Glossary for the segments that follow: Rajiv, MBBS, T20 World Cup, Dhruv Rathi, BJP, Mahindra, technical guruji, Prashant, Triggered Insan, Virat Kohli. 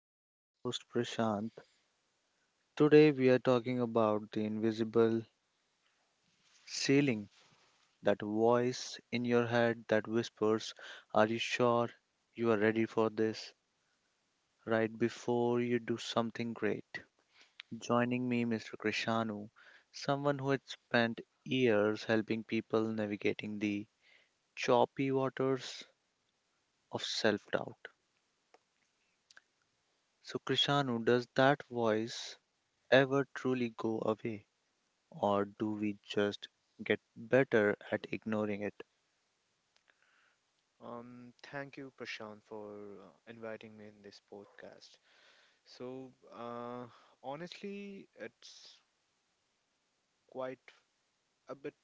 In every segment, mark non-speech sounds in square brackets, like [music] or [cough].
I'm your host Prashant. Today we are talking about the invisible ceiling, that voice in your head that whispers, are you sure you are ready for this, right before you do something great? Joining me, Mr. Krishanu, someone who had spent years helping people navigating the choppy waters of self doubt. So, Krishanu, does that voice ever truly go away, or do we just get better at ignoring it? Thank you, Prashant, for inviting me in this podcast. So, uh, honestly, it's quite a bit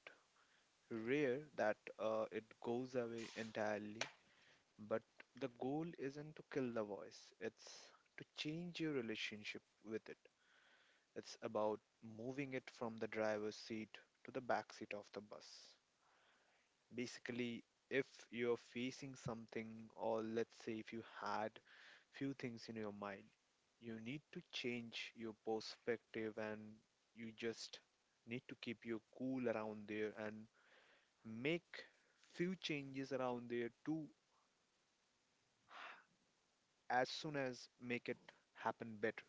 rare that it goes away entirely, but the goal isn't to kill the voice, it's to change your relationship with it. It's about moving it from the driver's seat to the back seat of the bus. Basically, if you're facing something, or let's say if you had few things in your mind, you need to change your perspective and you just need to keep your cool around there and make few changes around there to as soon as make it happen better.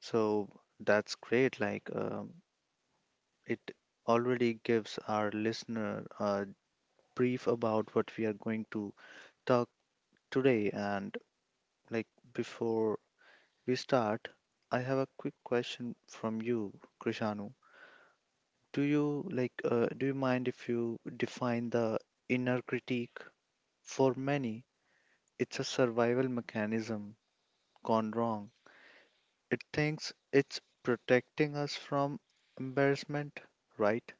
So that's great. Like, it already gives our listener a brief about what we are going to talk today. And, like, before we start, I have a quick question from you, Krishanu. Do you like? Do you mind if you define the inner critique? For many, it's a survival mechanism gone wrong. It thinks it's protecting us from embarrassment, right?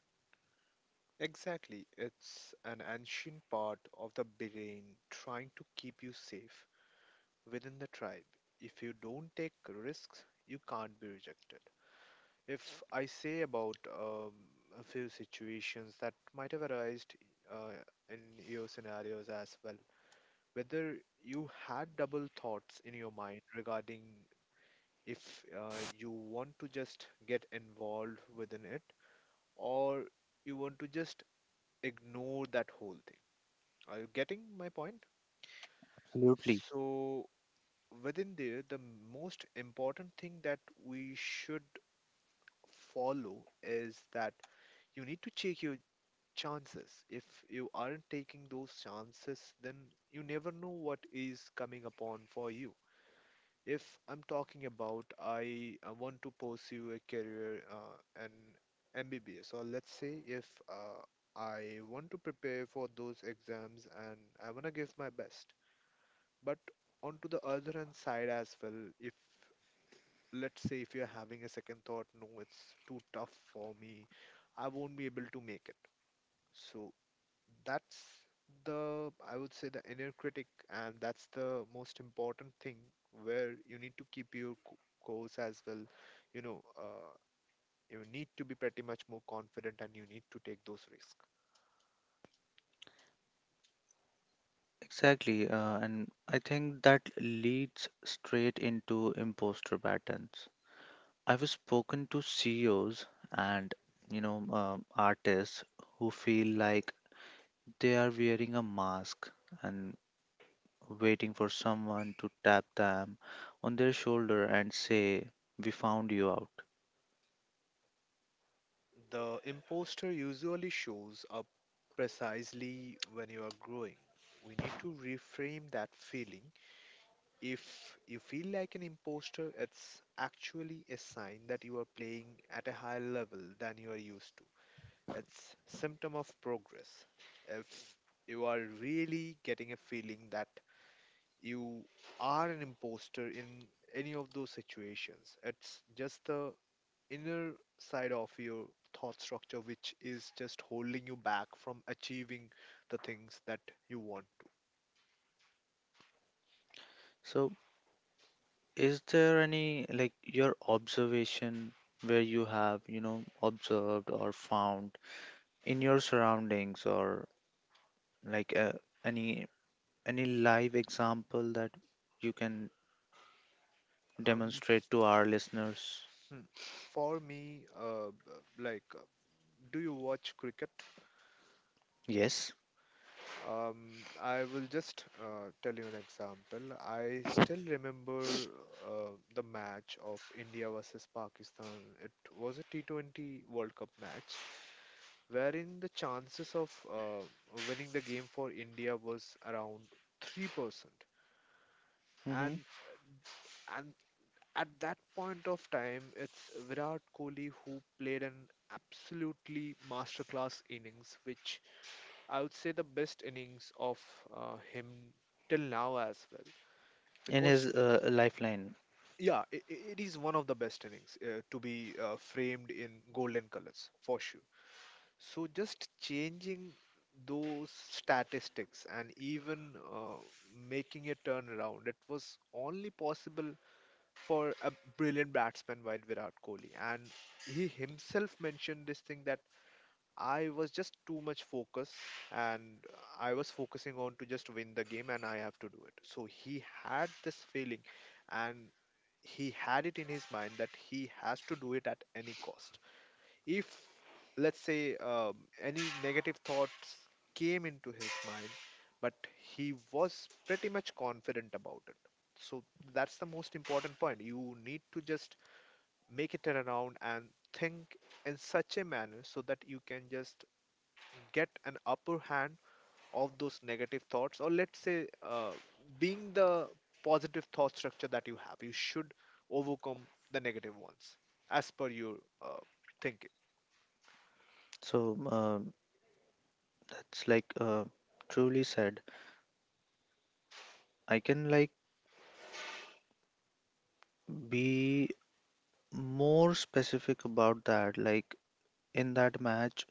Exactly, it's an ancient part of the brain trying to keep you safe within the tribe. If you don't take risks, you can't be rejected. If I say about a few situations that might have arisen, uh, in your scenarios as well, whether you had double thoughts in your mind regarding if you want to just get involved within it, or you want to just ignore that whole thing. Are you getting my point? Absolutely. So, within there, the most important thing that we should follow is that you need to check your chances. If you aren't taking those chances, then you never know what is coming upon for you. If I'm talking about I want to pursue a career, an MBBS, or let's say if I want to prepare for those exams and I want to give my best, but onto the other hand side as well, if let's say if you're having a second thought, no, it's too tough for me, I won't be able to make it. So that's the, I would say, the inner critic, and that's the most important thing where you need to keep your course as well. You know, uh, you need to be pretty much more confident and you need to take those risks. Exactly. And I think that leads straight into imposter patterns. I've spoken to CEOs and, you know, artists who feel like they are wearing a mask and waiting for someone to tap them on their shoulder and say, we found you out. The imposter usually shows up precisely when you are growing. We need to reframe that feeling. If you feel like an imposter, it's actually a sign that you are playing at a higher level than you are used to. It's symptom of progress. If you are really getting a feeling that you are an imposter in any of those situations, it's just the inner side of your thought structure which is just holding you back from achieving the things that you want. So is there any like your observation where you have, you know, observed or found in your surroundings or like any any live example that you can Um, demonstrate to our listeners? hmm, for me, like, do you watch cricket? Yes. I will just tell you an example. I still remember the match of India versus Pakistan. It was a T20 World Cup match wherein the chances of winning the game for India was around 3%. Hmm. And and at that point of time, it's Virat Kohli who played an absolutely masterclass innings, which I would say the best innings of him till now as well. In Because, his lifeline. yeah, it is one of the best innings to be framed in golden colors for sure. So, just changing those statistics and even making a turnaround, it was only possible for a brilliant batsman like Virat Kohli. And he himself mentioned this thing that I was just too much focus and I was focusing on to just win the game and I have to do it. So he had this feeling and he had it in his mind that he has to do it at any cost. If, let's say, any negative thoughts came into his mind, but he was pretty much confident about it. So that's the most important point. You need to just make it around and think in such a manner so that you can just get an upper hand of those negative thoughts, or let's say, being the positive thought structure that you have, you should overcome the negative ones as per your uh, thinking. So that's like truly said. I can like be more specific about that. Like in that match,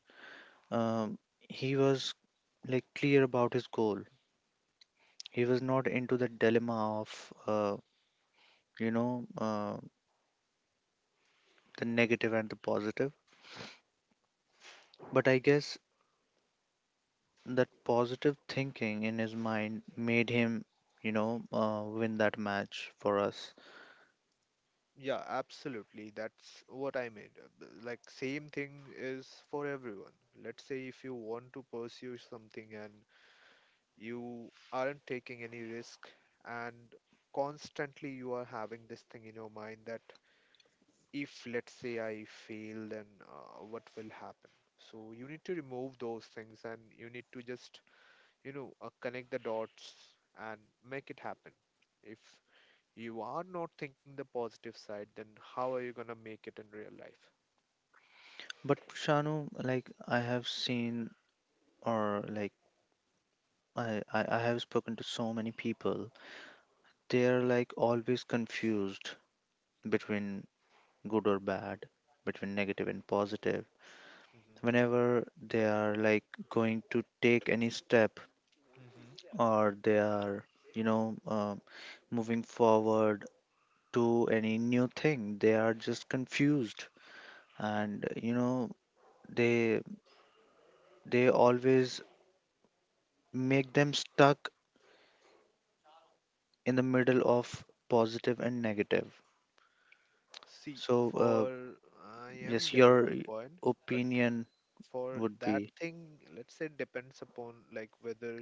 Um, he was like clear about his goal. He was not into the dilemma of, you know, the negative and the positive. But I guess that positive thinking in his mind made him, you know, win that match for us. Yeah, absolutely. That's what I mean. Like, same thing is for everyone. Let's say if you want to pursue something and you aren't taking any risk, and constantly you are having this thing in your mind that if let's say I fail, then what will happen. So you need to remove those things and you need to just connect the dots and make it happen. If you are not thinking the positive side, then how are you going to make it in real life? But Shanu, like I have seen, or like I have spoken to so many people, they're like always confused between good or bad, between negative and positive Hmm. whenever they are like going to take any step, Hmm. or they are you know moving forward to any new thing, they are just confused, and you know they they always make them stuck in the middle of positive and negative. See, So for, I am yes, your getting your point, but opinion for would that be thing, let's say depends upon like whether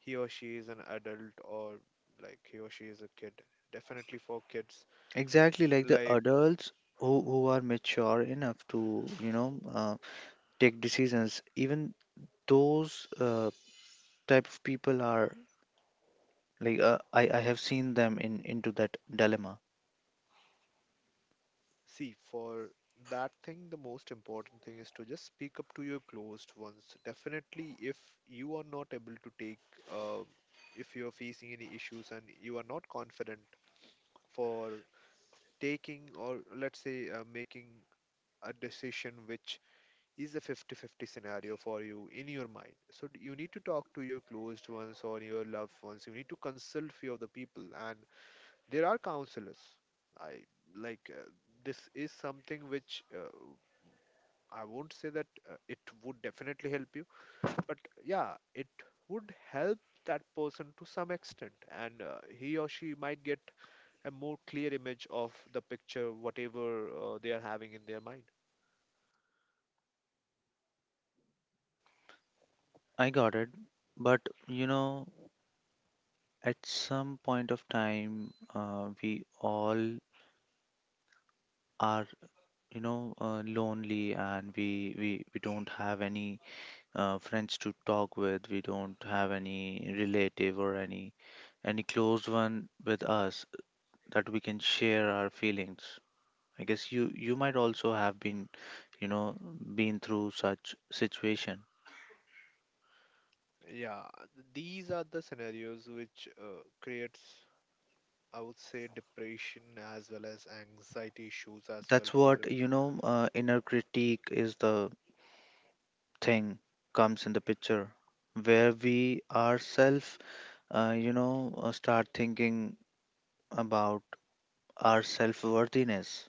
he or she is an adult or like he or she is a kid. Definitely for kids, exactly like the like, adults who are mature enough to you know take decisions, even those type of people are like I have seen them in into that dilemma. see, for that thing, the most important thing is to just speak up to your closed ones. Definitely, if you are not able to take, uh, if you're facing any issues and you are not confident for taking, or let's say making a decision which is a fifty-fifty scenario for you in your mind, so you need to talk to your closed ones or your loved ones. You need to consult few of the people, and there are counselors. I, like uh, this is something which, I won't say that it would definitely help you, but yeah, it would help that person to some extent, and he or she might get a more clear image of the picture, whatever they are having in their mind. I got it, but you know, at some point of time, we all are you know lonely, and we, we don't have any friends to talk with. We don't have any relative or any close one with us that we can share our feelings. I guess you might also have been, you know, been through such situation. Yeah, these are the scenarios which creates, I would say, depression as well as anxiety issues as well That's for. what, you know, inner critique is the thing comes in the picture where we ourselves, you know, start thinking about our self-worthiness.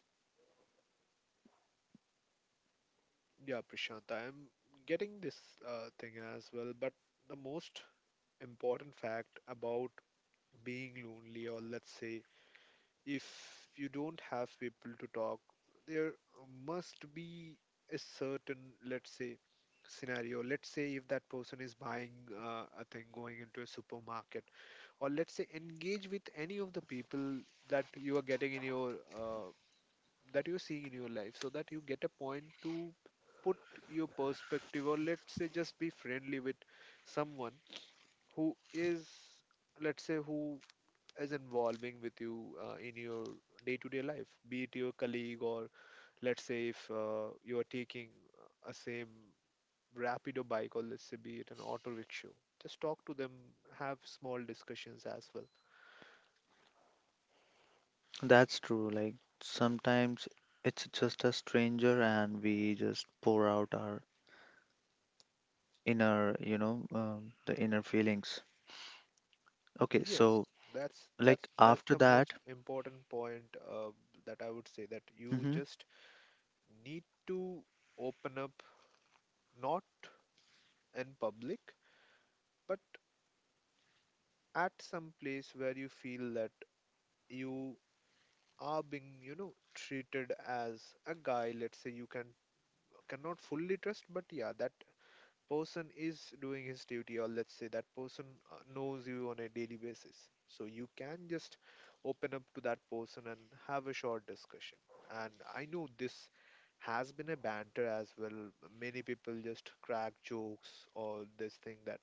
Yeah, Prashant, I am getting this thing as well, but the most important fact about being lonely, or let's say, if you don't have people to talk, there must be a certain, let's say, scenario. Let's say if that person is buying a thing going into a supermarket, or let's say engage with any of the people that you are getting in your uh, that you're seeing in your life, so that you get a point to put your perspective, or let's say just be friendly with someone who is, let's say, who is involving with you in your day-to-day life, be it your colleague, or let's say if you are taking a same rapid or bike, or let's say be it an auto rickshaw, just talk to them, have small discussions as well. That's true. Like sometimes it's just a stranger and we just pour out our inner, you know, the inner feelings. Okay, Yes, so that's like that's that's after the most that, important point, uh, that I would say that you mhm. just need to open up, not in public, but at some place where you feel that you are being treated as a guy, let's say you cannot fully trust, but yeah, that person is doing his duty, or let's say that person knows you on a daily basis, so you can just open up to that person and have a short discussion. And I know this has been a banter as well. Many people just crack jokes or this thing that,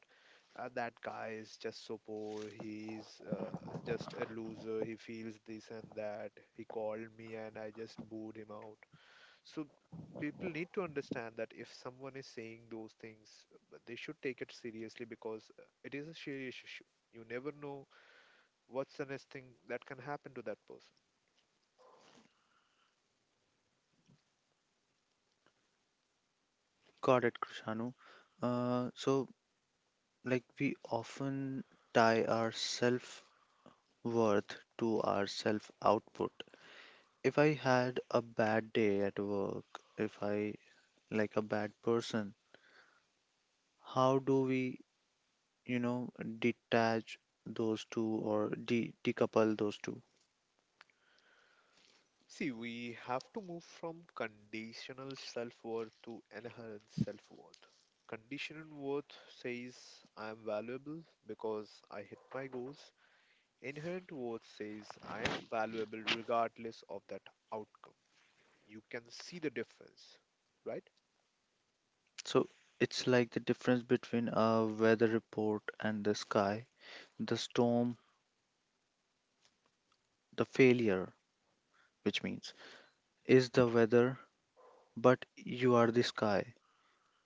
that guy is just so poor, he's just a loser, he feels this and that, he called me and I just booed him out. So people need to understand that if someone is saying those things, they should take it seriously, because it is a serious issue. You never know what's the next thing that can happen to that person. Got it, Krishanu. So, like, we often tie our self worth to our self output. If I had a bad day at work, if I like a bad person, how do we, you know, detach those two or decouple those two? See, we have to move from conditional self worth to inherent self worth. Conditional worth says I am valuable because I hit my goals. Inherent worth says I am valuable regardless of that outcome. You can see the difference, right? So, it's like the difference between a weather report and the sky, the storm, the failure, which means is the weather, but you are the sky.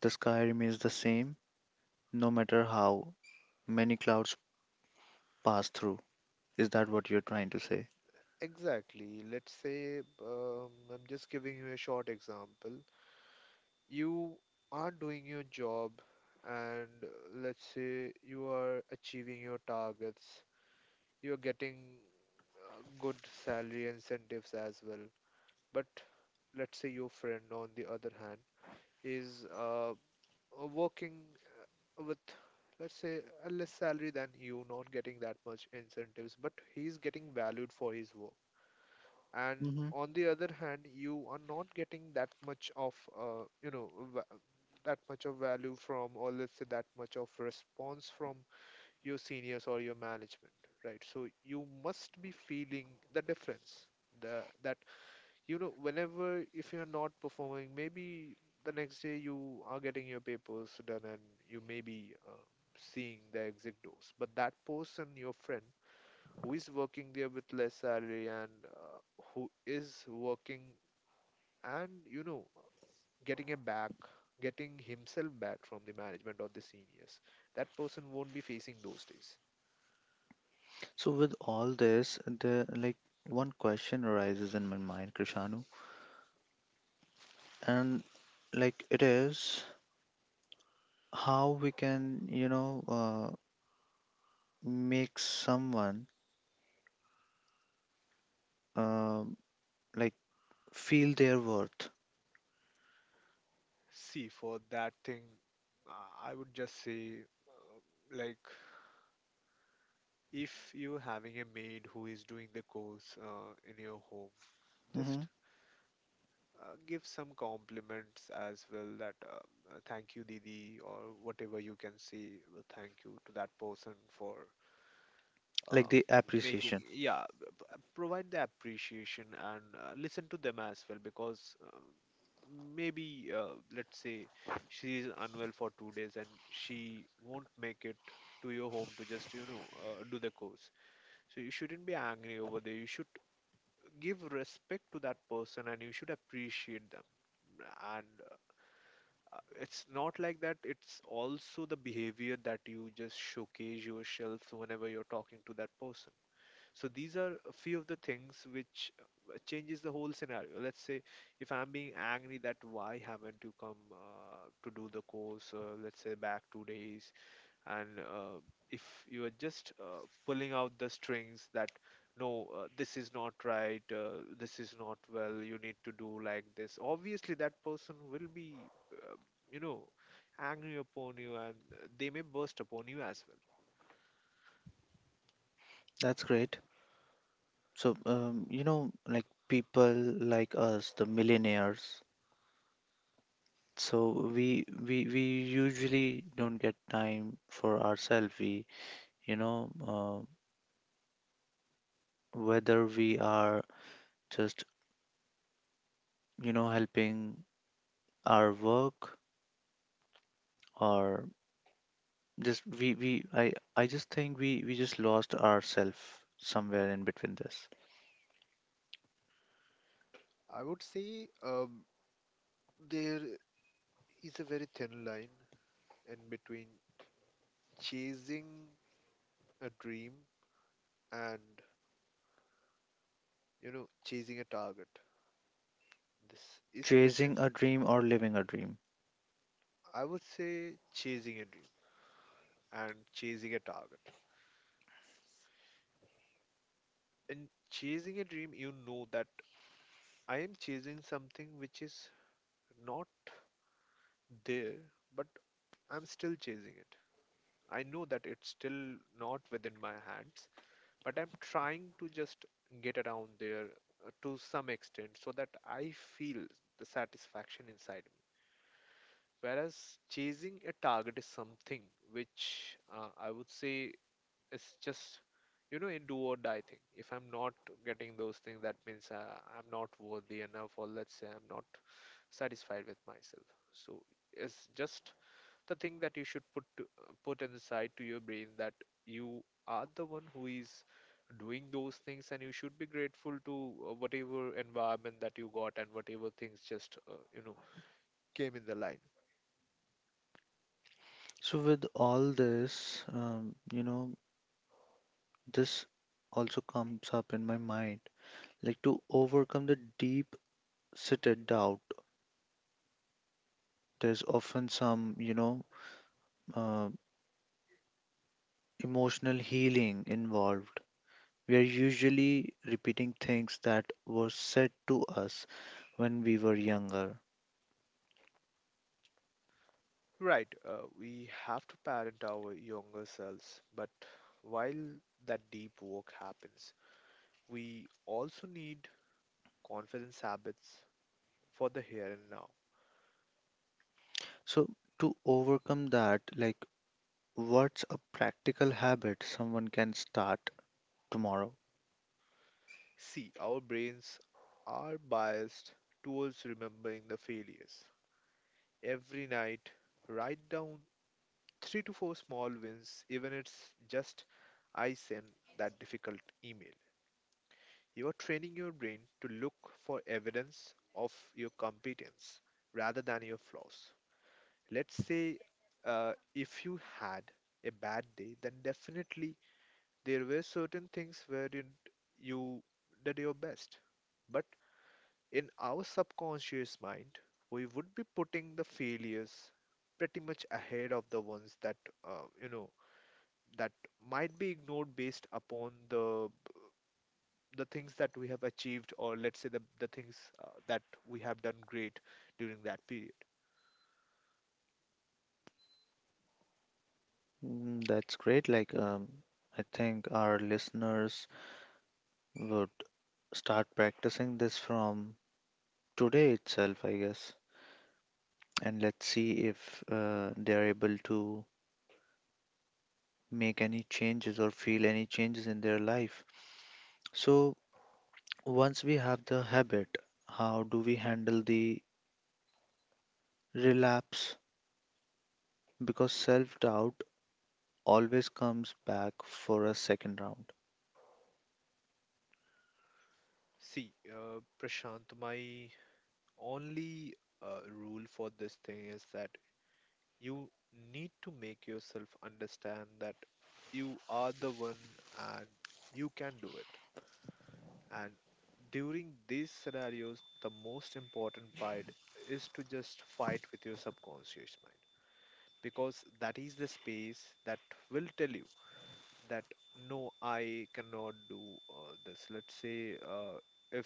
The sky remains the same no matter how many clouds pass through. Is that what you're trying to say? Exactly. Let's say, I'm just giving you a short example. You are doing your job, and let's say you are achieving your targets. You're getting good salary incentives as well. But let's say your friend, on the other hand, is working with, let's say, a less salary than you, not getting that much incentives, but he's getting valued for his work, and Hmm. on the other hand you are not getting that much of that much of value from, or let's say that much of response from your seniors or your management, right? So you must be feeling the difference, the that you know whenever, if you're not performing, maybe the next day you are getting your papers done, and you may be seeing the exit doors. But that person, your friend, who is working there with less salary, and who is working and getting a back getting himself back from the management or the seniors, that person won't be facing those days. So with all this, the like one question arises in my mind, Krishanu, and like it is how we can, you know, uh, make someone uh, like feel their worth. See, for that thing, uh, I would just say, like, if you having a maid who is doing the course in your home, just Hmm, give some compliments as well, that thank you didi, or whatever you can say, thank you to that person for like uh, the making, appreciation. yeah, provide the appreciation, and listen to them as well, because maybe let's say she is unwell for 2 days and she won't make it to your home to just do the course. So you shouldn't be angry over there. You should give respect to that person, and you should appreciate them. And it's not like that. It's also the behavior that you just showcase yourself whenever you're talking to that person. So these are a few of the things which changes the whole scenario. Let's say if I'm being angry that why haven't you come to do the course, let's say back 2 days, and if you are just pulling out the strings that no, this is not right, this is not well, you need to do like this, obviously that person will be uh, you know angry upon you, and they may burst upon you as well. That's great. So you know, like people like us, the millionaires. So we usually don't get time for ourselves. We you know whether we are just you know helping our work, or just we I just think we just lost ourselves somewhere in between this I would say, there is a very thin line in between chasing a dream and chasing a target. This is a big chasing a difference. dream or living a dream. I would say chasing a dream, and chasing a target. In chasing a dream, you know that I am chasing something which is not there, but I'm still chasing it. I know that it's still not within my hands, but I'm trying to just get around there to some extent so that I feel the satisfaction inside me. Whereas chasing a target is something which I would say it's just a do or die thing. If I'm not getting those things, that means I'm not worthy enough, or let's say I'm not satisfied with myself. So it's just the thing that you should put inside to your brain, that you are the one who is doing those things, and you should be grateful to whatever environment that you got, and whatever things just came in the line. So with all this, you know, this also comes up in my mind, like to overcome the deep-seated doubt there's often some, you know, uh, emotional healing involved. We are usually repeating things that were said to us when we were younger. Right, we have to parent our younger selves, but while that deep work happens, we also need confidence habits for the here and now. So, to overcome that, like, what's a practical habit someone can start tomorrow? See, our brains are biased towards remembering the failures. Every night, write down three to four small wins, even it's just I sent that difficult email. You are training your brain to look for evidence of your competence rather than your flaws. Let's say if you had a bad day, then definitely there were certain things where you did your best. But in our subconscious mind, we would be putting the failures pretty much ahead of the ones that you know that might be ignored based upon the things that we have achieved, or let's say the things that we have done great during that period. Mm, that's great. Like, I think our listeners would start practicing this from today itself, I guess. And let's see if they're able to make any changes or feel any changes in their life. So, once we have the habit, how do we handle the relapse? Because self doubt always comes back for a second round. See, Prashant, my only rule for this thing is that you need to make yourself understand that you are the one and you can do it. And during these scenarios, the most important part is to just fight with your subconscious mind, because that is the space that will tell you that no, I cannot do this. Let's say if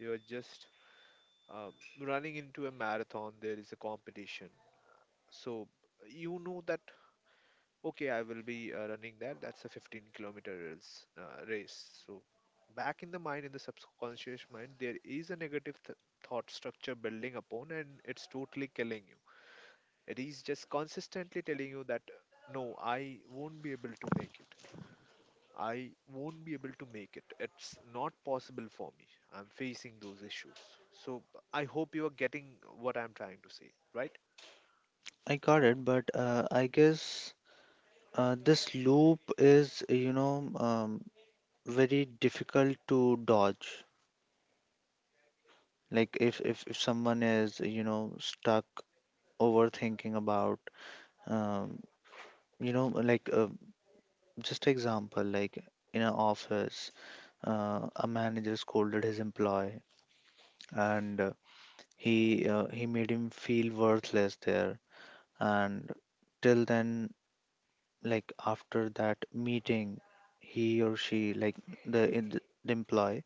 you're just um, running into a marathon, there is a competition. So you know that, okay, I will be running that. That's a 15 kilometer race. So back in the mind, in the subconscious mind, there is a negative thought structure building upon, and it's totally killing you. It is just consistently telling you that no, I won't be able to make it. I won't be able to make it. It's not possible for me. I'm facing those issues. So I hope you are getting what I'm trying to say, right? I got it, but I guess this loop is, you know, very difficult to dodge. Like if someone is, you know, stuck overthinking about, um, you know, like just example, like in an office, a manager scolded his employee, and he made him feel worthless there. And till then, like after that meeting, he or she, like the, in the employee,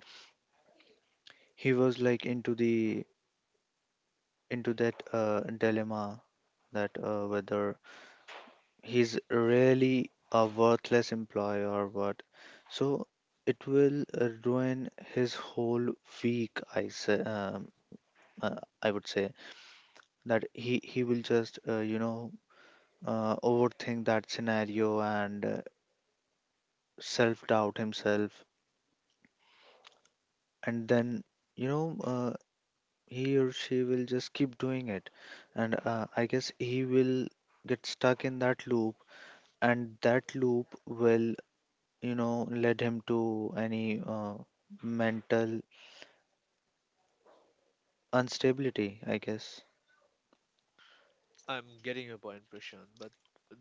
he was like into the into that dilemma that whether he's really a worthless employer, but so it will ruin his whole week. I say, uh, I would say that he will just you know overthink that scenario, and self doubt himself, and then you know he or she will just keep doing it, and I guess he will get stuck in that loop, and that loop will you know led him to any mental instability, I guess. I'm getting your point, Prashant. But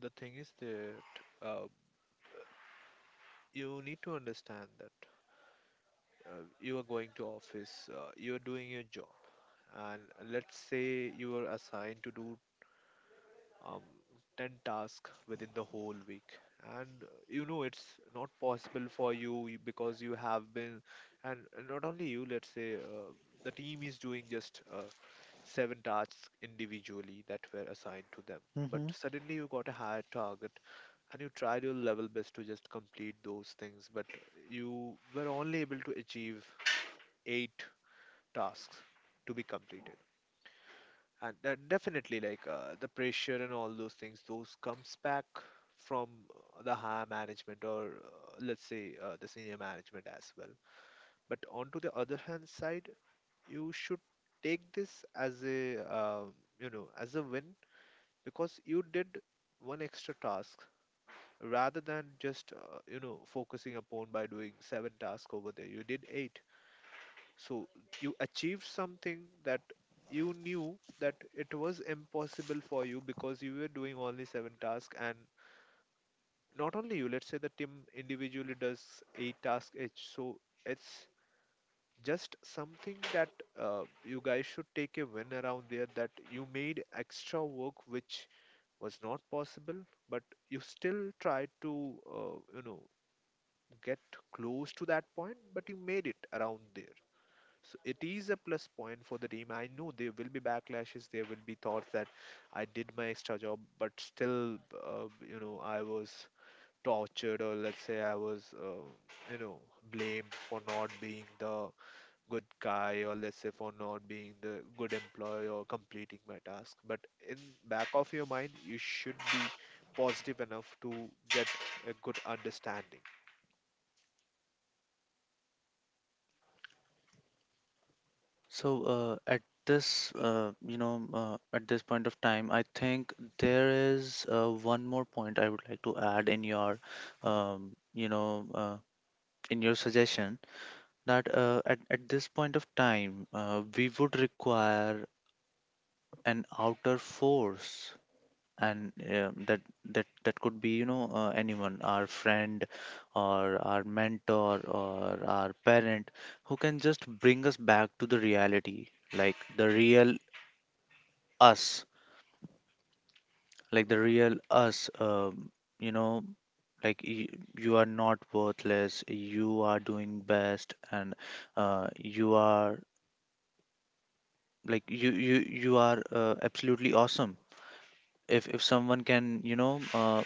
the thing is that you need to understand that you are going to office, you are doing your job, and let's say you are assigned to do um, 10 tasks within the whole week, and it's not possible for you because you have been, and not only you, let's say the team is doing just seven tasks individually that were assigned to them. But Hmm. suddenly you got a higher target, and you tried your level best to just complete those things, but you were only able to achieve eight tasks to be completed. And definitely, like the pressure and all those things, those comes back from the higher management, or let's say the senior management as well. But onto the other hand side, you should take this as a win, because you did one extra task rather than just focusing upon. By doing seven tasks over there, you did eight. So you achieved something that you knew that it was impossible for you, because you were doing only seven tasks, and not only you, let's say the team individually does eight tasks each. So it's just something that you guys should take a win around there, that you made extra work which was not possible, but you still tried to, get close to that point, but you made it around there. So it is a plus point for the team. I know there will be backlashes. There will be thoughts that I did my extra job, but still, I was tortured, or let's say I was, you know, blamed for not being the good guy, or let's say for not being the good employee or completing my task. But in back of your mind, you should be positive enough to get a good understanding. So at this, you know, at this point of time, I think there is one more point I would like to add in your, you know, in your suggestion that at this point of time, we would require an outer force, and that could be you know anyone, our friend or our mentor or our parent who can just bring us back to the reality, like the real us, like the real us you know like you are not worthless, you are doing best, and you are like you are absolutely awesome if someone can you know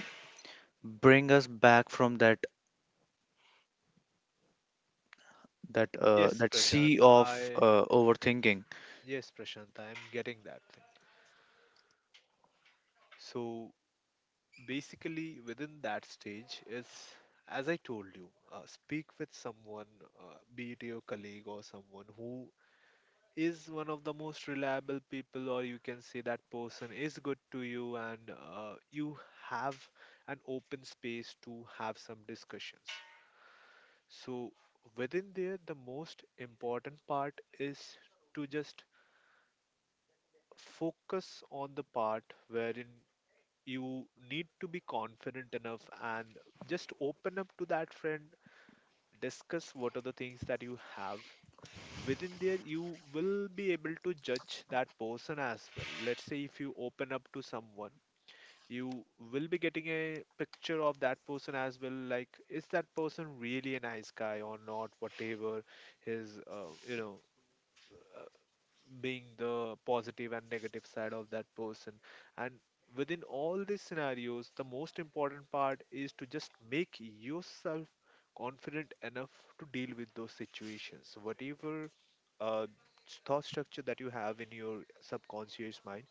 bring us back from that Yes, that Prashant. sea of overthinking. I'm getting that thing. So basically within that stage is, as I told you, speak with someone, be it your colleague or someone who is one of the most reliable people, or you can say that person is good to you, and you have an open space to have some discussions. So within there, the most important part is to just focus on the part wherein you need to be confident enough, and just open up to that friend. Discuss what are the things that you have. Within there you will be able to judge that person as well. Let's say if you open up to someone, you will be getting a picture of that person as well, like is that person really a nice guy or not, whatever his being the positive and negative side of that person. And within all these scenarios, the most important part is to just make yourself confident enough to deal with those situations. Whatever uh, thought structure that you have in your subconscious mind,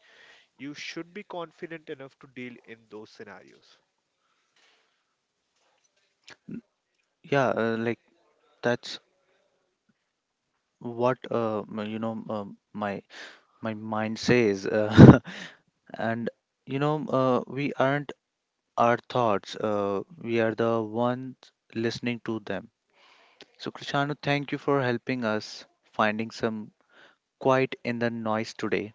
you should be confident enough to deal in those scenarios. Yeah like that's what you know my my mind says [laughs] and you know we aren't our thoughts. We are the ones listening to them. So Krishanu, thank you for helping us finding some quiet in the noise today.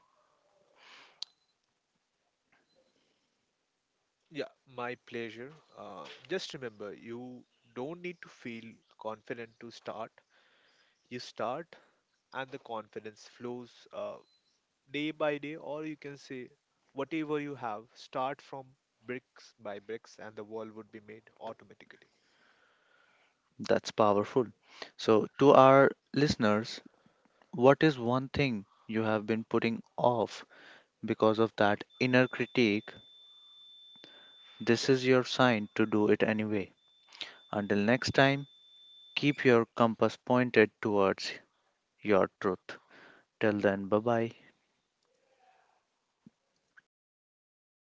Yeah, my pleasure. Just remember, you don't need to feel confident to start. You start and the confidence flows day by day, or you can say whatever you have, start from bricks by bricks, and the wall would be made automatically. That's powerful. So to our listeners, what is one thing you have been putting off because of that inner critique? This is your sign to do it anyway. Until next time, keep your compass pointed towards your truth. Till then, bye bye.